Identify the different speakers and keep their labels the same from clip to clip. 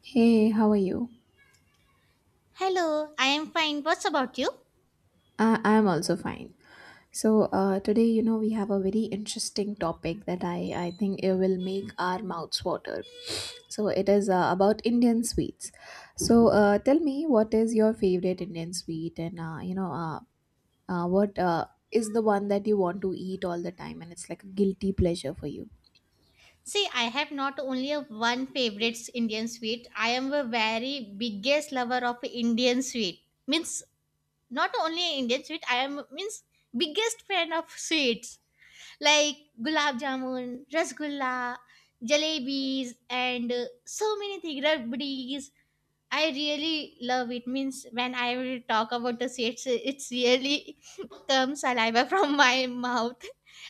Speaker 1: Hey, how are you?
Speaker 2: Hello, I am fine. What's about you?
Speaker 1: I'm also fine. So today we have a very interesting topic that I think it will make our mouths water. So it is about Indian sweets. So tell me, what is your favorite Indian sweet, and you know, what is the one that you want to eat all the time, and it's like a guilty pleasure for you?
Speaker 2: See, I have not only a one favorite Indian sweet. I am a very biggest lover of Indian sweet. Means not only Indian sweet. I am means biggest fan of sweets like gulab jamun, rasgulla, jalebis, and so many things. Rabdis. I really love it. Means when I will talk about the seeds, it's really comes saliva from my mouth,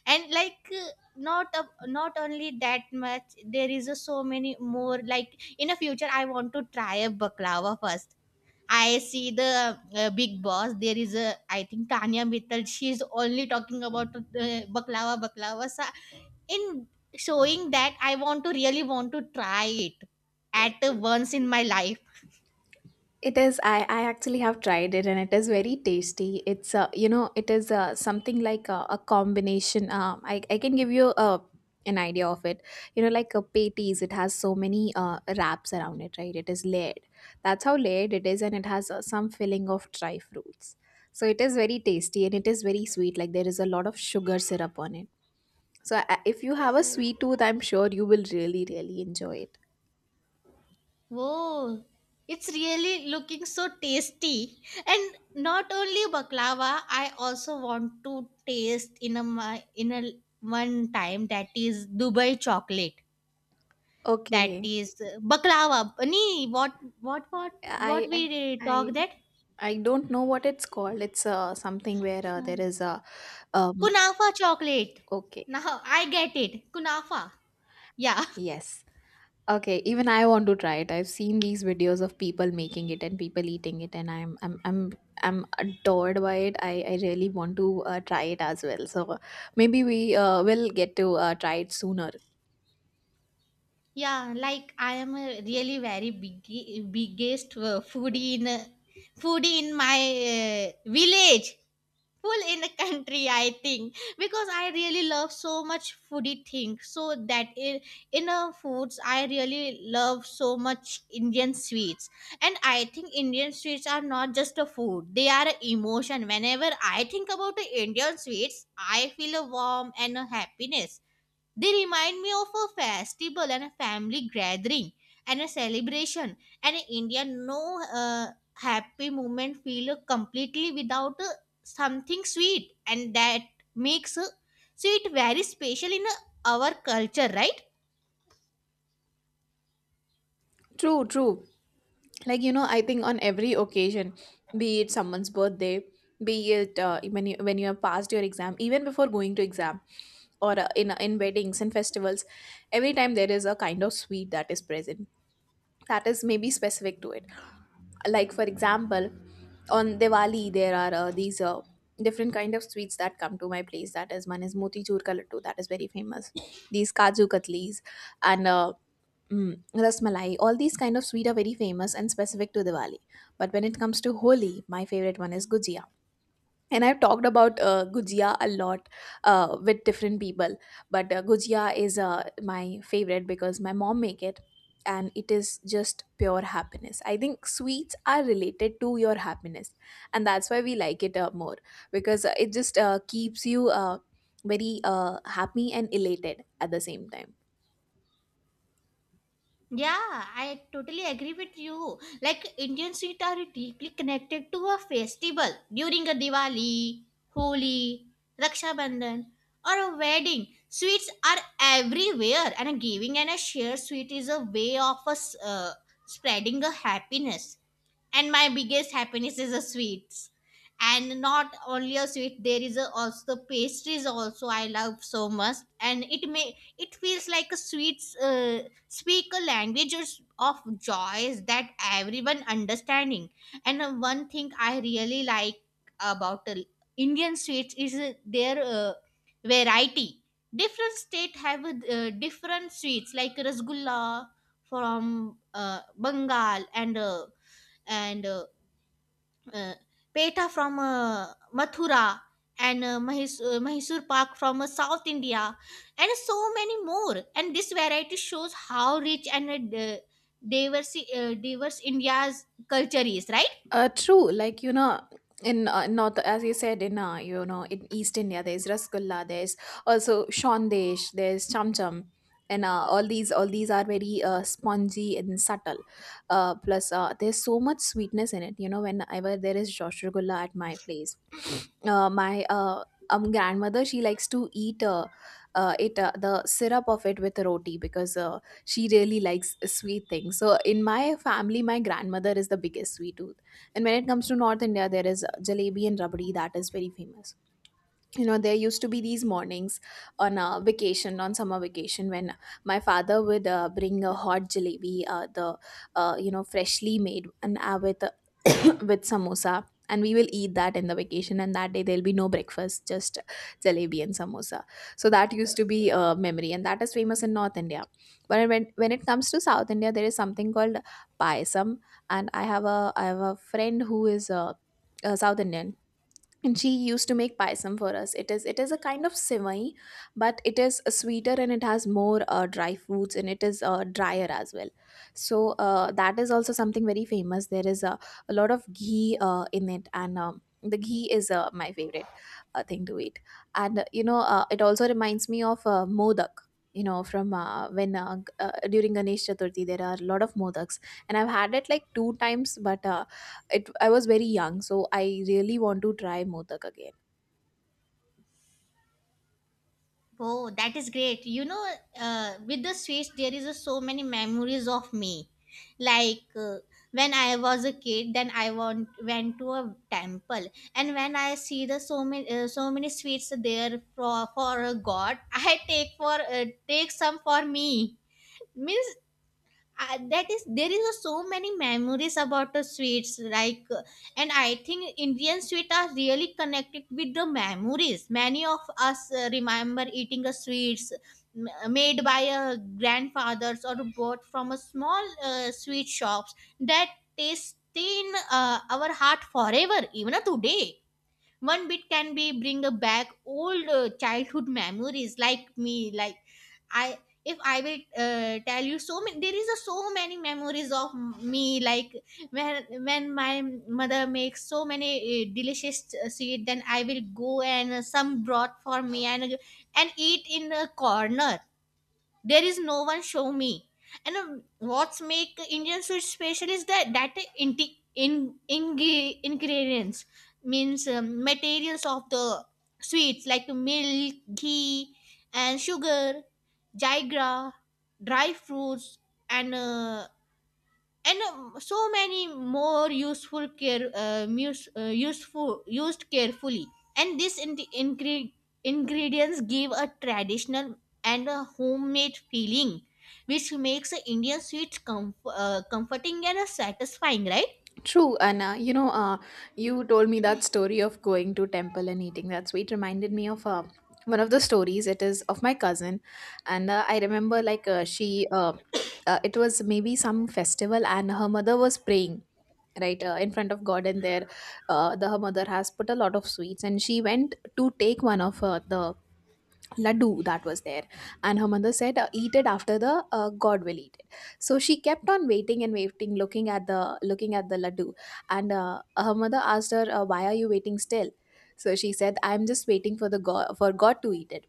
Speaker 2: and like not only that much. There is a so many more. Like in the future, I want to try a baklava first. I see the big boss. There is a I think Tanya Mittal. She is only talking about baklava. So in showing that, I want to really want to try it at once in my life.
Speaker 1: It is. I actually have tried it and it is very tasty. It's, you know, it is something like a combination. I can give you an idea of it. You know, like a patties, it has so many wraps around it, right? It is layered. That's how layered it is and it has some filling of dry fruits. So it is very tasty and it is very sweet. Like there is a lot of sugar syrup on it. So if you have a sweet tooth, I'm sure you will really, really enjoy it.
Speaker 2: Whoa, it's really looking so tasty. And not only baklava, I also want to taste in a one time that is Dubai chocolate. That
Speaker 1: Okay.
Speaker 2: is baklava. Nee, what
Speaker 1: I, I,
Speaker 2: we
Speaker 1: I
Speaker 2: talk that
Speaker 1: I don't know what it's called. It's something where there
Speaker 2: uh,
Speaker 1: is a um
Speaker 2: kunafa chocolate.
Speaker 1: okay,
Speaker 2: Now I get it. Kunafa. Yeah.
Speaker 1: yes. Okay, even I want to try it. I've seen these videos of people making it and people eating it and I'm adored by it. I really want to try it as well. So maybe we will get to try it sooner.
Speaker 2: Yeah, like I am a really very big biggest foodie in my village, full in the country. I think because I really love so much foodie things. So that in foods, I really love so much Indian sweets, and I think Indian sweets are not just a food; they are an emotion. Whenever I think about the Indian sweets, I feel a warm and a happiness. They remind me of a festival and a family gathering and a celebration. And in India, no happy moment feel completely without something sweet, and that makes sweet very special in our culture, right?
Speaker 1: True, true. Like you know, I think on every occasion, be it someone's birthday, be it when you have passed your exam, even before going to exam, or in weddings and festivals, every time there is a kind of sweet that is present, that is maybe specific to it. Like for example, on Diwali there are these different kind of sweets that come to my place. That is, one is motichur ka lattu, that is very famous, these kaju katlis, and rasmalai, all these kind of sweet are very famous and specific to Diwali. But when it comes to Holi, my favorite one is gujia. And I've talked about gujia a lot with different people. But gujia is my favorite because my mom make it, and it is just pure happiness. I think sweets are related to your happiness. And that's why we like it more, because it just keeps you very happy and elated at the same time.
Speaker 2: Yeah, I totally agree with you. Like Indian sweets are deeply connected to a festival during a Diwali, Holi, Raksha Bandhan, or a wedding. Sweets are everywhere, and a giving and a share sweet is a way of us spreading a happiness. And my biggest happiness is the sweets. And not only a sweet, there is also the pastries. Also I love so much. And it feels like a sweets speak a language of joys that everyone understanding. And one thing I really like about Indian sweets is their variety. Different state have different sweets like rasgulla from Bengal, and uh, Peta from Mathura, and Mysore Pak from South India, and so many more. And this variety shows how rich and diverse India's culture is, right?
Speaker 1: True. Like you know, in north, as you said, in in East India, there's rasgulla. There's also shandesh. There's cham cham, and all these are very spongy and subtle. Plus, there's so much sweetness in it. You know, whenever there is rasgulla at my place, my grandmother, she likes to eat it the syrup of it with roti, because she really likes sweet things. So in my family, my grandmother is the biggest sweet. And when it comes to North India, there is jalebi and rabdi that is very famous. You know, there used to be these mornings on a vacation, on summer vacation, when my father would bring a hot jalebi, the you know, freshly made, and with with samosa, and we will eat that in the vacation, and that day there'll be no breakfast, just jalebi and samosa. So that used to be a memory, and that is famous in North India. But when it comes to South India, there is something called payasam. And I have a friend who is a South Indian, and she used to make payasam for us. It is a kind of sivai, but it is sweeter, and it has more dry fruits, and it is drier as well. So that is also something very famous. There is a lot of ghee in it, and the ghee is my favorite thing to eat. And you know, it also reminds me of modak. You know, from during Ganesh Chaturthi there are a lot of modaks, and I've had it like two times, but it I was very young, so I really want to try modak again.
Speaker 2: Oh, that is great. With the sweets, there is so many memories of me. Like when I was a kid, then went to a temple, and when I see the so many sweets there for a god, I take some for me. Means that is there is a so many memories about the sweets like and I think Indian sweets are really connected with the memories. Many of us remember eating a sweets made by a grandfathers or bought from a small sweet shops that taste in our heart forever, even today one bit can be bring back old childhood memories like me, like I if I will tell you so many, there is a so many memories of me, like when my mother makes so many delicious sweet, then I will go and some brought for me and eat in a corner. There is no one show me. And what's make Indian food special is that ingredients, means materials of the sweets like milk, ghee, and sugar, jaigra, dry fruits, and and so many more useful care mus- useful used carefully. And this ingredients give a traditional and a homemade feeling which makes the Indian sweets comforting and satisfying, right?
Speaker 1: True, and you know, you told me that story of going to temple and eating that sweet reminded me of one of the stories. It is of my cousin, and I remember, like it was maybe some festival, and her mother was praying right in front of God, and there, the her mother has put a lot of sweets, and she went to take one of the laddu that was there. And her mother said, eat it after the god will eat it. So she kept on waiting and waiting, looking at the laddu. And her mother asked her, why are you waiting still? So she said, I'm just waiting for the god for god to eat it.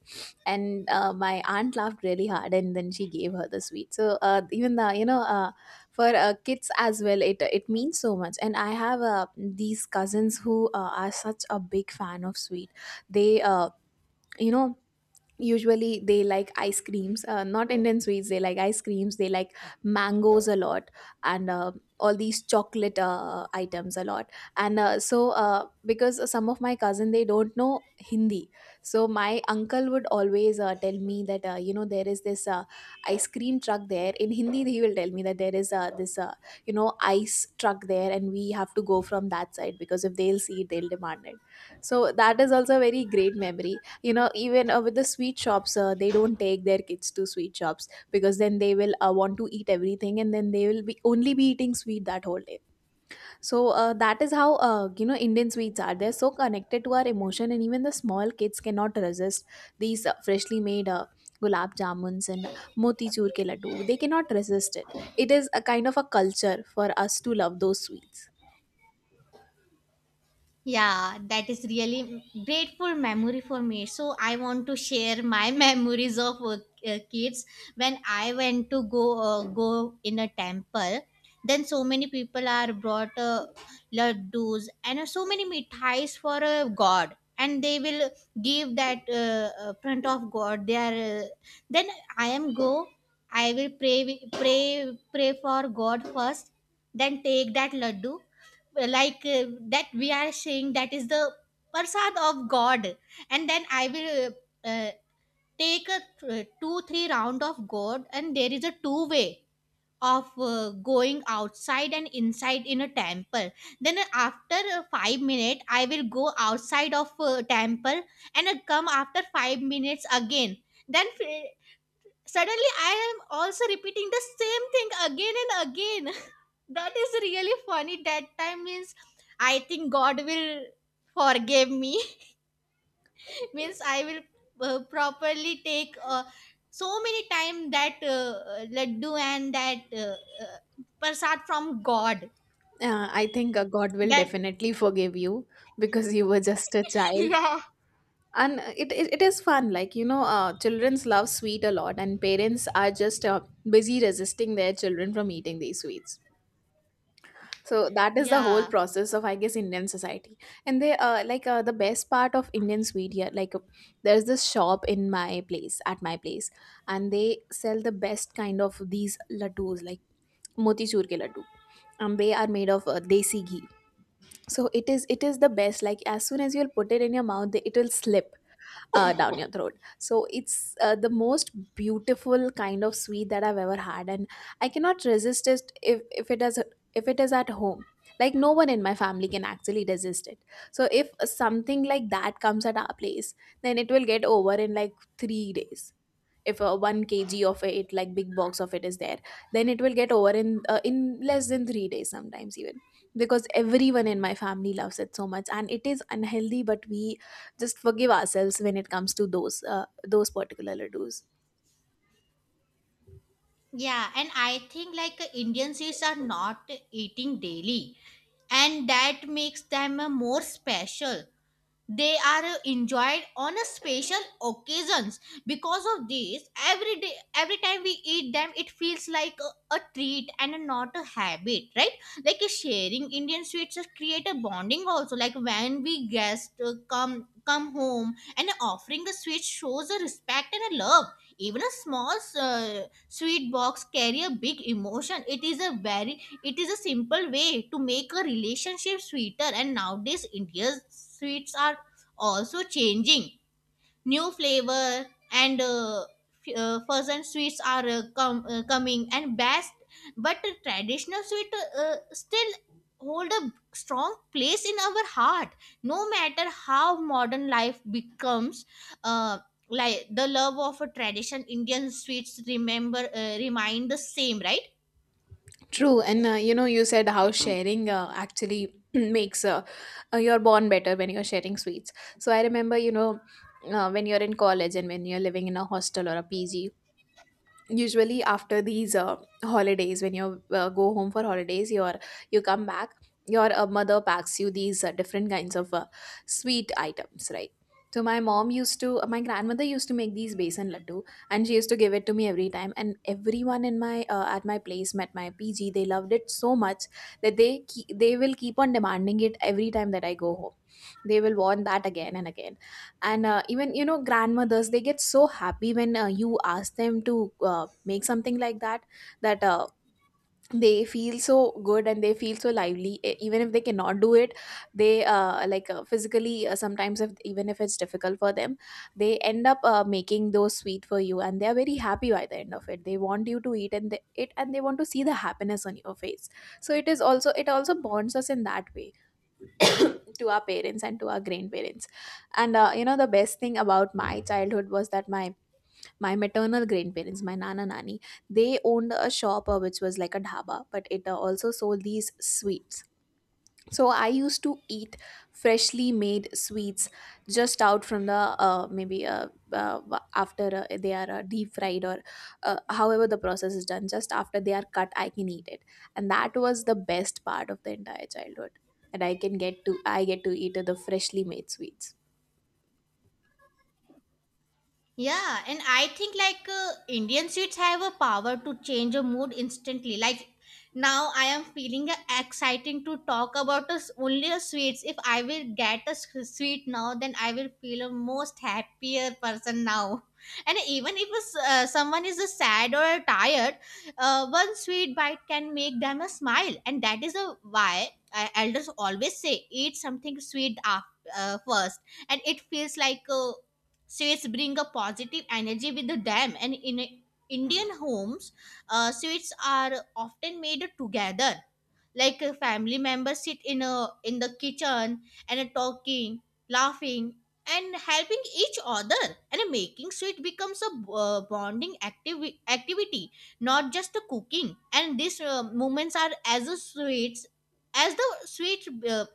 Speaker 1: And my aunt laughed really hard, and then she gave her the sweet. So even the, you know, for kids as well, it means so much. And I have these cousins who are such a big fan of sweet. They you know usually they like ice creams, not Indian sweets. They like ice creams, they like mangoes a lot, and all these chocolate items a lot. And so because some of my cousin they don't know Hindi, so my uncle would always tell me that, there is this ice cream truck there. In Hindi he will tell me that there is this you know ice truck there, and we have to go from that side, because if they'll see it, they'll demand it. So that is also a very great memory. You know, even with the sweet shops, they don't take their kids to sweet shops, because then they will want to eat everything, and then they will be only be eating sweet that whole day. So that is how, Indian sweets are, they're so connected to our emotion. And even the small kids cannot resist these freshly made gulab jamuns and motichur ke laddu. They cannot resist it. It is a kind of a culture for us to love those sweets.
Speaker 2: Yeah, that is really grateful memory for me. So I want to share my memories of kids when I went to go in a temple. Then so many people are brought laddus and so many mithais for God, and they will give that front of God. They are then I am go. I will pray pray pray for God first. Then take that laddu, like that we are saying that is the prasad of god. And then I will take a two three round of god, and there is a two way of going outside and inside in a temple. Then after 5 minutes I will go outside of temple and come after 5 minutes again. Then suddenly, I am also repeating the same thing again and again. That is really funny. That time means I think God will forgive me. Means I will properly take so many time that laddu and that uh, prasad from God.
Speaker 1: I think god will
Speaker 2: That
Speaker 1: definitely forgive you, because you were just a child.
Speaker 2: Yeah.
Speaker 1: And it is fun. Like you know, children's love sweet a lot, and parents are just busy resisting their children from eating these sweets. So that is the whole
Speaker 2: Yeah,
Speaker 1: process of, I guess, Indian society. And they like the best part of Indian sweet here, like there's this shop in my place at my place, and they sell the best kind of these laddus, like motichur ke laddu, and they are made of desi ghee. So it is the best, like as soon as you'll put it in your mouth, it will slip down your throat. So it's the most beautiful kind of sweet that I've ever had, and I cannot resist it if it is at home. Like no one in my family can actually resist it. So if something like that comes at our place, then it will get over in like 3 days. If a 1 kg of it, like big box of it, is there, then it will get over in less than 3 days sometimes, even because everyone in my family loves it so much, and it is unhealthy, but we just forgive ourselves when it comes to those particular ladoos.
Speaker 2: yeah, and I think like Indian sweets are not eating daily, and that makes them more special. They are enjoyed on a special occasions. Because of this, every day, every time we eat them, it feels like a treat and not a habit, right? Like sharing Indian sweets just create a bonding also, like when we guests come home and offering a sweet shows a respect and a love. Even a small sweet box carry a big emotion. It is a simple way to make a relationship sweeter. And nowadays India's sweets are also changing. New flavor and frozen sweets are coming and best, but traditional sweet still hold a strong place in our heart. No matter how modern life becomes, uh, like the love of a tradition Indian sweets remember remain the same, right?
Speaker 1: True, and you know, you said how sharing actually makes your bond better when you're sharing sweets. So I remember, when you're in college and when you're living in a hostel or a PG, usually after these holidays. When you go home for holidays, you come back, your mother packs you these different kinds of sweet items, right? So my grandmother used to make these besan laddu, and she used to give it to me every time. And everyone in my at my place at my PG, they loved it so much that they will keep on demanding it every time that I go home. They will want that again and again. And even grandmothers, they get so happy when you ask them to make something like that, that uh, they feel so good and they feel so lively. Even if they cannot do it, they like, physically, sometimes, if even if it's difficult for them, they end up making those sweet for you, and they are very happy. By the end of it, they want you to eat and they, it and they want to see the happiness on your face. So it also bonds us in that way to our parents and to our grandparents. And you know, the best thing about my childhood was that my maternal grandparents, my nana nani, they owned a shop, which was like a dhaba, but it also sold these sweets. So I used to eat freshly made sweets just out from the maybe after they are deep fried or however the process is done. Just after they are cut, I can eat it, and that was the best part of the entire childhood, that I can get to. I get to eat the freshly made sweets.
Speaker 2: Yeah, and I think like Indian sweets have a power to change a mood instantly. Like now, I am feeling exciting to talk about us only a sweets. If I will get a sweet now, then I will feel a most happier person now. And even if a someone is sad or tired, one sweet bite can make them a smile, and that is a why elders always say eat something sweet first. And it feels like sweets bring a positive energy with them, and in Indian homes, sweets are often made together. Like family members sit in the kitchen and talking, laughing, and helping each other, and making sweet becomes a bonding activity, not just a cooking. And these moments are as a sweets as the sweet uh,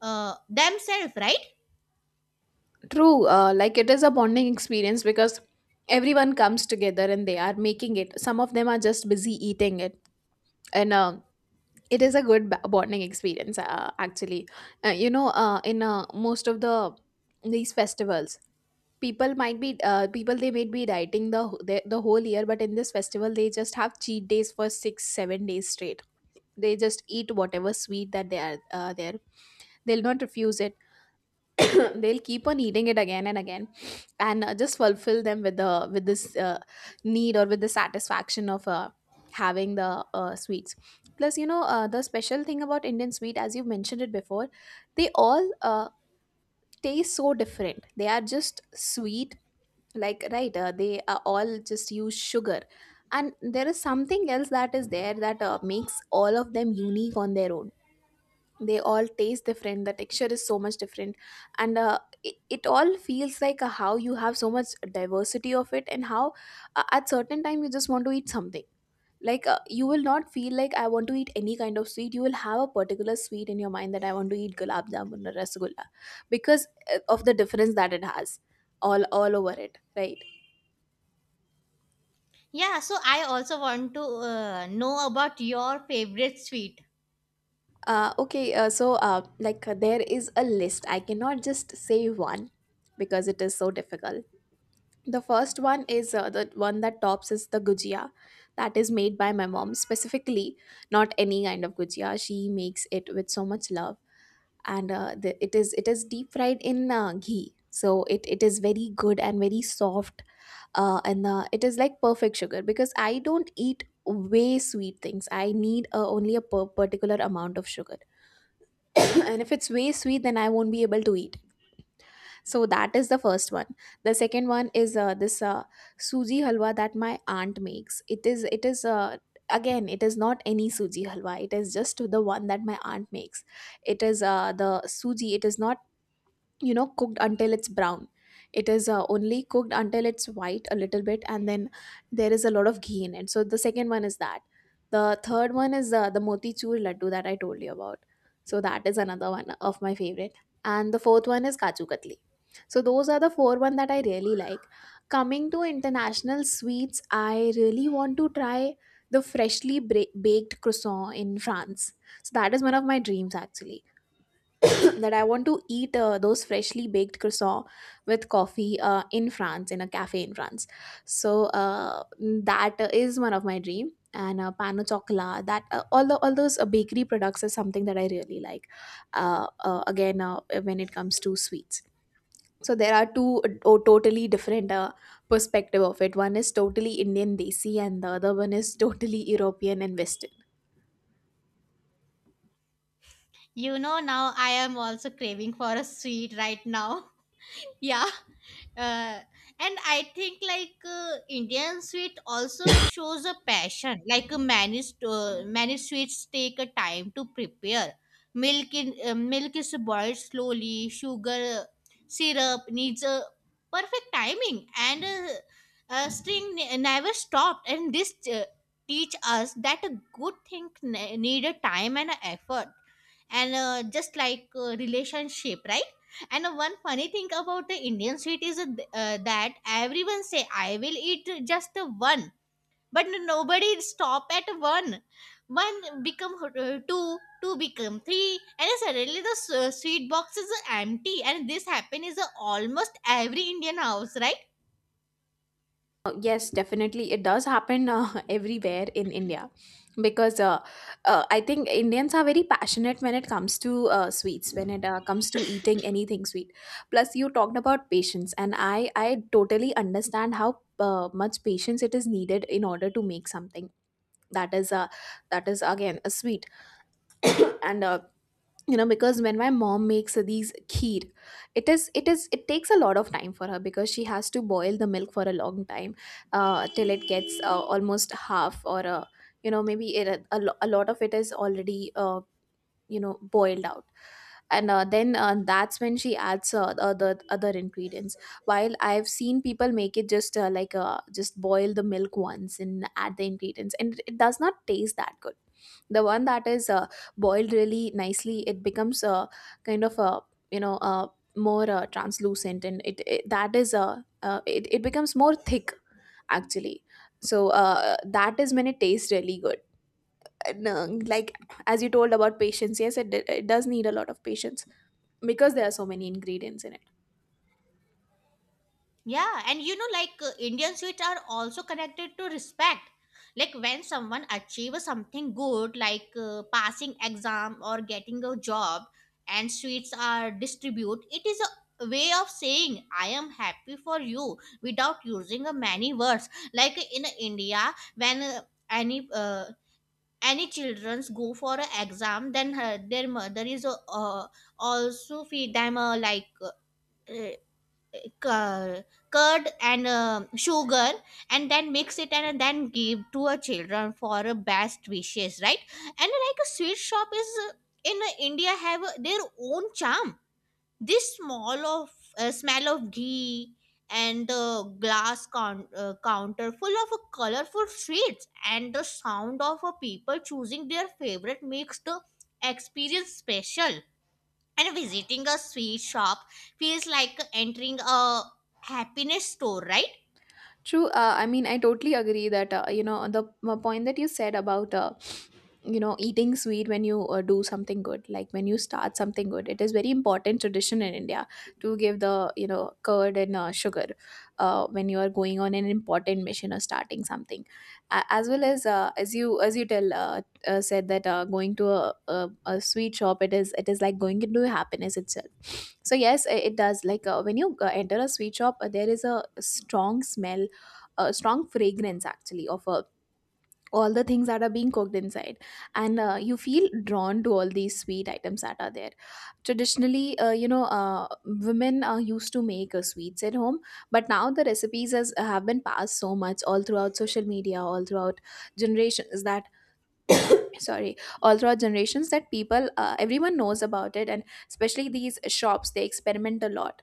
Speaker 2: uh, themselves, right?
Speaker 1: True, like, it is a bonding experience because everyone comes together and they are making it. Some of them are just busy eating it. And it is a good bonding experience, actually. In most of these festivals, people might be people they might be dieting the, wh- the whole year, but in this festival they just have cheat days for 6 7 days straight. They just eat whatever sweet that they are there. They'll not refuse it. They'll keep on eating it again and again and just fulfill them with this need, or with the satisfaction of having the sweets. Plus, you know, the special thing about Indian sweet, as you mentioned it before, they all taste so different. They are just sweet, like, right, they are all just use sugar, and there is something else that is there that makes all of them unique on their own. They all taste different, the texture is so much different. And it all feels like, how you have so much diversity of it. And how, at certain time, you just want to eat something. Like, you will not feel like I want to eat any kind of sweet. You will have a particular sweet in your mind, that I want to eat gulab jamun or rasgulla, because of the difference that it has all over it, right?
Speaker 2: Yeah, so I also want to know about your favorite sweet.
Speaker 1: Okay, so, like, there is a list. I cannot just say one because it is so difficult. The first one is the one that tops is the gujia that is made by my mom specifically, not any kind of gujia. She makes it with so much love, and it is deep fried in ghee, so it is very good and very soft. And it is like perfect sugar, because I don't eat way sweet things. I need only a particular amount of sugar. And if it's way sweet, then I won't be able to eat. So that is the first one. The second one is this suji halwa that my aunt makes. It is, again, it is not any suji halwa. It is just the one that my aunt makes. It is the suji. It is not, you know, cooked until it's brown. It is only cooked until it's white a little bit, and then there is a lot of ghee in it. So the second one is that. The third one is the motichur laddu that I told you about, so that is another one of my favorite. And the fourth one is kaju katli. So those are the four one that I really like. Coming to international sweets, I really want to try the freshly baked croissant in France. So that is one of my dreams, actually, that I want to eat those freshly baked croissants with coffee in France, in a cafe in France. So that is one of my dream. And pano chocolat, that, all those bakery products, is something that I really like. Again, when it comes to sweets, so there are two totally different perspective of it. One is totally Indian desi, and the other one is totally European and Western.
Speaker 2: Now I am also craving for a sweet right now. Yeah. uh, and I think like Indian sweet also shows a passion, like many sweets take a time to prepare. Milk is boiled slowly, sugar syrup needs a perfect timing, and string never stopped, and this teach us that a good thing need a time and a effort, and just like relationship, right? And one funny thing about the Indian sweet is that everyone say I will eat just one, but nobody stop at one. One become two, two become three, and then suddenly the sweet box is empty, and this happen is almost every Indian house, right?
Speaker 1: Yes, definitely. It does happen, everywhere in India, because I think Indians are very passionate when it comes to sweets, when it comes to eating anything sweet. Plus, you talked about patience, and I totally understand how much patience it is needed in order to make something that is that is, again, a sweet. And you know, because when my mom makes these kheer, it takes a lot of time for her, because she has to boil the milk for a long time, till it gets almost half, or you know, maybe it, a, a lot of it is already, you know, boiled out. And then that's when she adds the other ingredients. While I've seen people make it just just boil the milk once and add the ingredients, and it does not taste that good. The one that is boiled really nicely, it becomes, kind of a, you know, more translucent, and it that is it becomes more thick, actually. So that is when it tastes really good. And, like, as you told about patience, yes, it does need a lot of patience, because there are so many ingredients in it.
Speaker 2: Yeah, and you know, like Indian sweets are also connected to respect. Like when someone achieves something good, like passing exam or getting a job, and sweets are distributed, it is a way of saying I am happy for you without using a many words. Like in India, when any uh, any childrens go for an exam, then their mother is also feed them like Uh, cur- curd and sugar, and then mix it and then give to a children for a best wishes, right? And like a sweet shop is in India have their own charm. This small of smell of ghee and the glass con counter full of colorful sweets and the sound of people choosing their favorite makes the experience special. And visiting a sweet shop feels like entering a happiness store, right?
Speaker 1: True. I mean, I totally agree that you know, the point that you said about, you know, eating sweet when you do something good, like when you start something good. It is very important tradition in India to give the, you know, curd and sugar when you are going on an important mission or starting something. A As well as, as you tell said, that going to a sweet shop, it is like going into happiness itself. So yes, it does. Like, when you enter a sweet shop, there is a strong smell, a strong fragrance, actually, of all the things that are being cooked inside. And you feel drawn to all these sweet items that are there. Traditionally, women used to make sweets at home, but now the recipes have been passed so much all throughout social media, all throughout generations that sorry all throughout generations, that people, everyone knows about it. And especially these shops, they experiment a lot,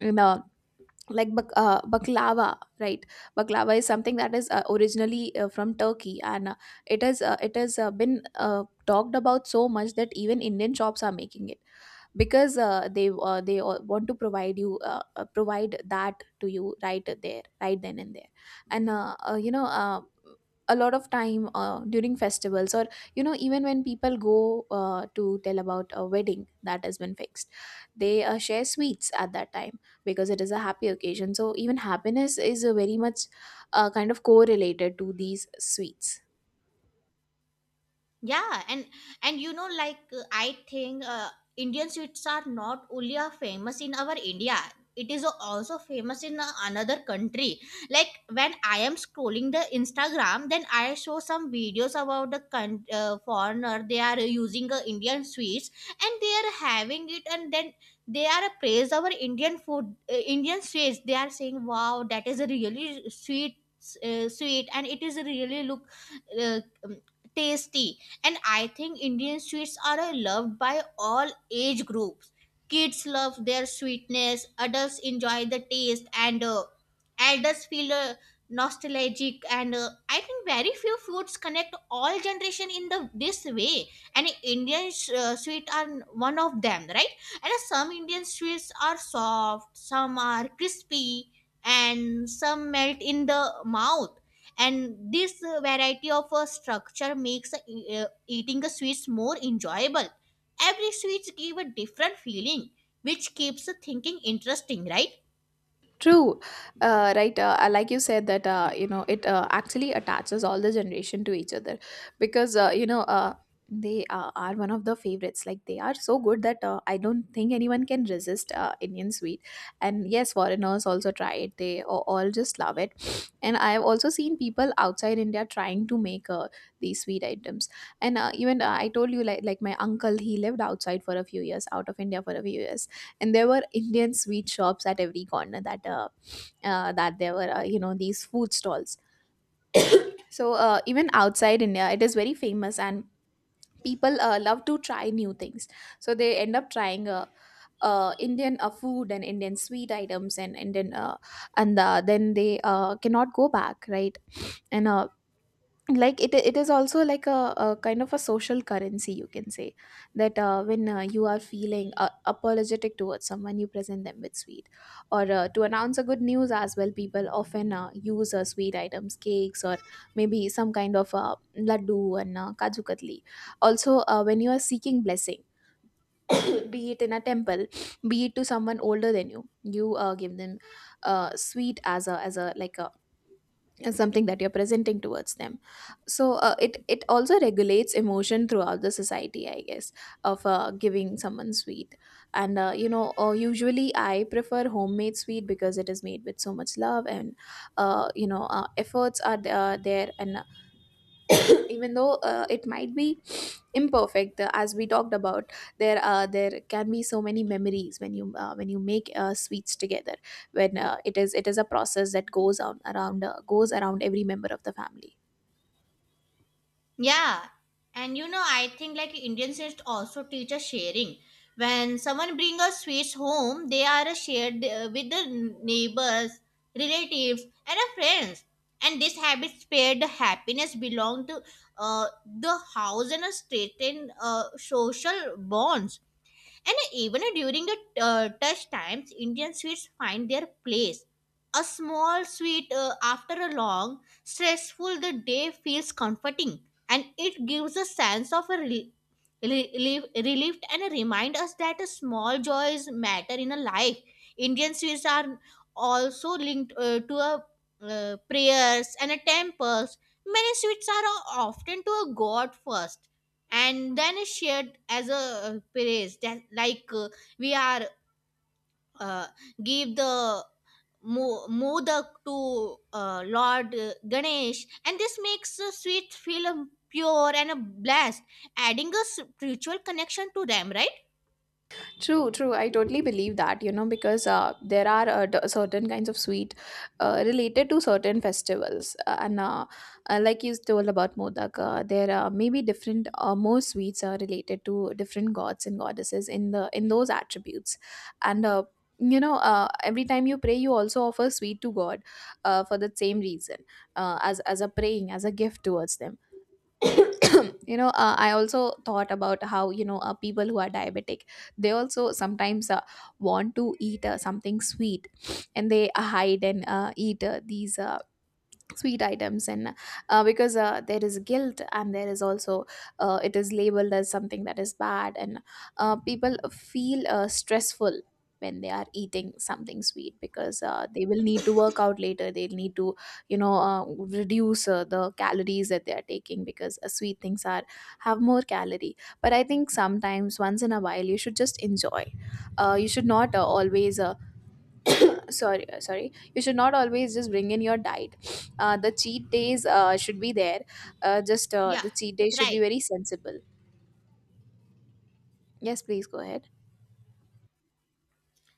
Speaker 1: you know. Like, baklava, right? Baklava is something that is originally from Turkey. And it has, been talked about so much that even Indian shops are making it, because they all want to provide you, provide that to you right there, right then and there. And you know, a lot of time during festivals, or, you know, even when people go to tell about a wedding that has been fixed, they share sweets at that time, because it is a happy occasion. So even happiness is very much, kind of correlated to these sweets.
Speaker 2: Yeah. And like I think Indian sweets are not only are famous in our India. It is also famous in another country. Like when I am scrolling the Instagram, then I show some videos about the foreigner they are using Indian sweets, and they are having it, and then they are praise our Indian food, Indian sweets. They are saying wow, that is a really sweet, and it is really look uh, tasty. And I think Indian sweets are loved by all age groups. Kids love their sweetness, adults enjoy the taste, and elders feel nostalgic, and I think very few foods connect all generation in the this way, and Indian sweet are one of them, right? And some Indian sweets are soft, some are crispy, and some melt in the mouth, and this variety of structure makes eating the sweets more enjoyable. Every sweet give a different feeling which keeps the thinking interesting, right?
Speaker 1: True. Right? Like you said that, you know, it actually attaches all the generation to each other, because you know, they are one of the favorites. Like, they are so good that I don't think anyone can resist Indian sweet. And yes, foreigners also try it. They all just love it. And I have also seen people outside India trying to make these sweet items. And even I told you like my uncle, he lived outside for a few years, out of India for a few years, and there were indian sweet shops at every corner that that there were you know these food stalls. So even outside india it is very famous, and people love to try new things, so they end up trying Indian food and Indian sweet items and then they cannot go back, right. And uh, like it it is also like a kind of a social currency, you can say, that when you are feeling apologetic towards someone, you present them with sweet. Or to announce a good news as well, people often use sweet items, cakes, or maybe some kind of laddu and kaju katli. Also when you are seeking blessing, be it in a temple, be it to someone older than you, you give them sweet as a like a and something that you're presenting towards them. It also regulates emotion throughout the society, I guess, of giving someone sweet. And uh, you know uh, usually I prefer homemade sweet because it is made with so much love, and efforts are there, and even though it might be imperfect, as we talked about, there can be so many memories when you make sweets together, when it is a process that goes on around goes around every member of the family.
Speaker 2: Yeah, and I think like Indian sweets also teach us sharing. When someone brings a sweets home, they are shared with the neighbors, relatives, and friends, and this habit spread the happiness belong to uh, the house and strengthen social bonds. And even during the touch times, Indian sweets find their place. A small sweet after a long, stressful the day feels comforting, and it gives a sense of a relief, and remind us that a small joys matter in a life. Indian sweets are also linked to a prayers and a temples. Many sweets are often to a god first and then is shared as a praise, that like we are uh, give the modak to lord Ganesh, and this makes the sweet feel pure and a blessed, adding a spiritual connection to them, right?
Speaker 1: True, true. I totally believe that, you know, because there are certain kinds of sweet related to certain festivals. And Like you told about Modak, there are maybe different, more sweets are related to different gods and goddesses in the in those attributes. And every time you pray, you also offer sweet to God for the same reason, as a praying, as a gift towards them. You know, I also thought about how, you know, people who are diabetic, they also sometimes want to eat something sweet, and they hide and eat these sweet items. And uh, because uh, there is guilt, and there is also it is labeled as something that is bad, and people feel stressful when they are eating something sweet, because they will need to work out later, they'll need to, you know, reduce the calories that they are taking, because sweet things are have more calorie. But I think sometimes once in a while you should just enjoy. You should not always sorry sorry you should not always just bring in your diet, the cheat days should be there. Just
Speaker 2: Yeah.
Speaker 1: The cheat days should be
Speaker 2: Right.
Speaker 1: very sensible. Yes, please go ahead.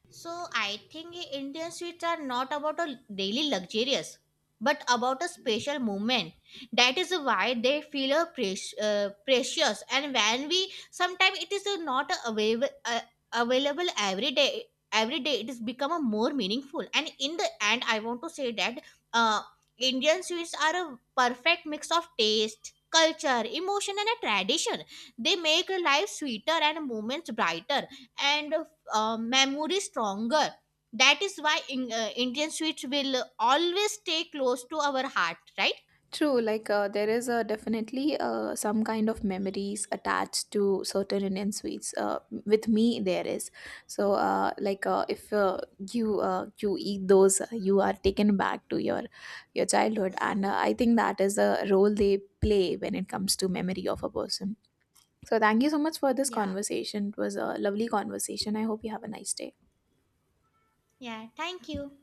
Speaker 2: So I think Indian sweets are not about a daily luxurious, but about a special moment. That is why they feel a precious. And when we sometimes it is not available every day. Every day it is become a more meaningful. And in the end, I want to say that uh, Indian sweets are a perfect mix of taste, culture, emotion, and a tradition. They make life sweeter and moments brighter, and memory stronger. That is why Indian sweets will always stay close to our heart, right?
Speaker 1: True, like there is definitely some kind of memories attached to certain indian sweets, with me there is so like if you you eat those, you are taken back to your childhood, and I think that is the role they play when it comes to memory of a person. So thank you so much for this
Speaker 2: Yeah.
Speaker 1: conversation. It was a lovely conversation. I hope you have a nice day.
Speaker 2: Yeah, thank you.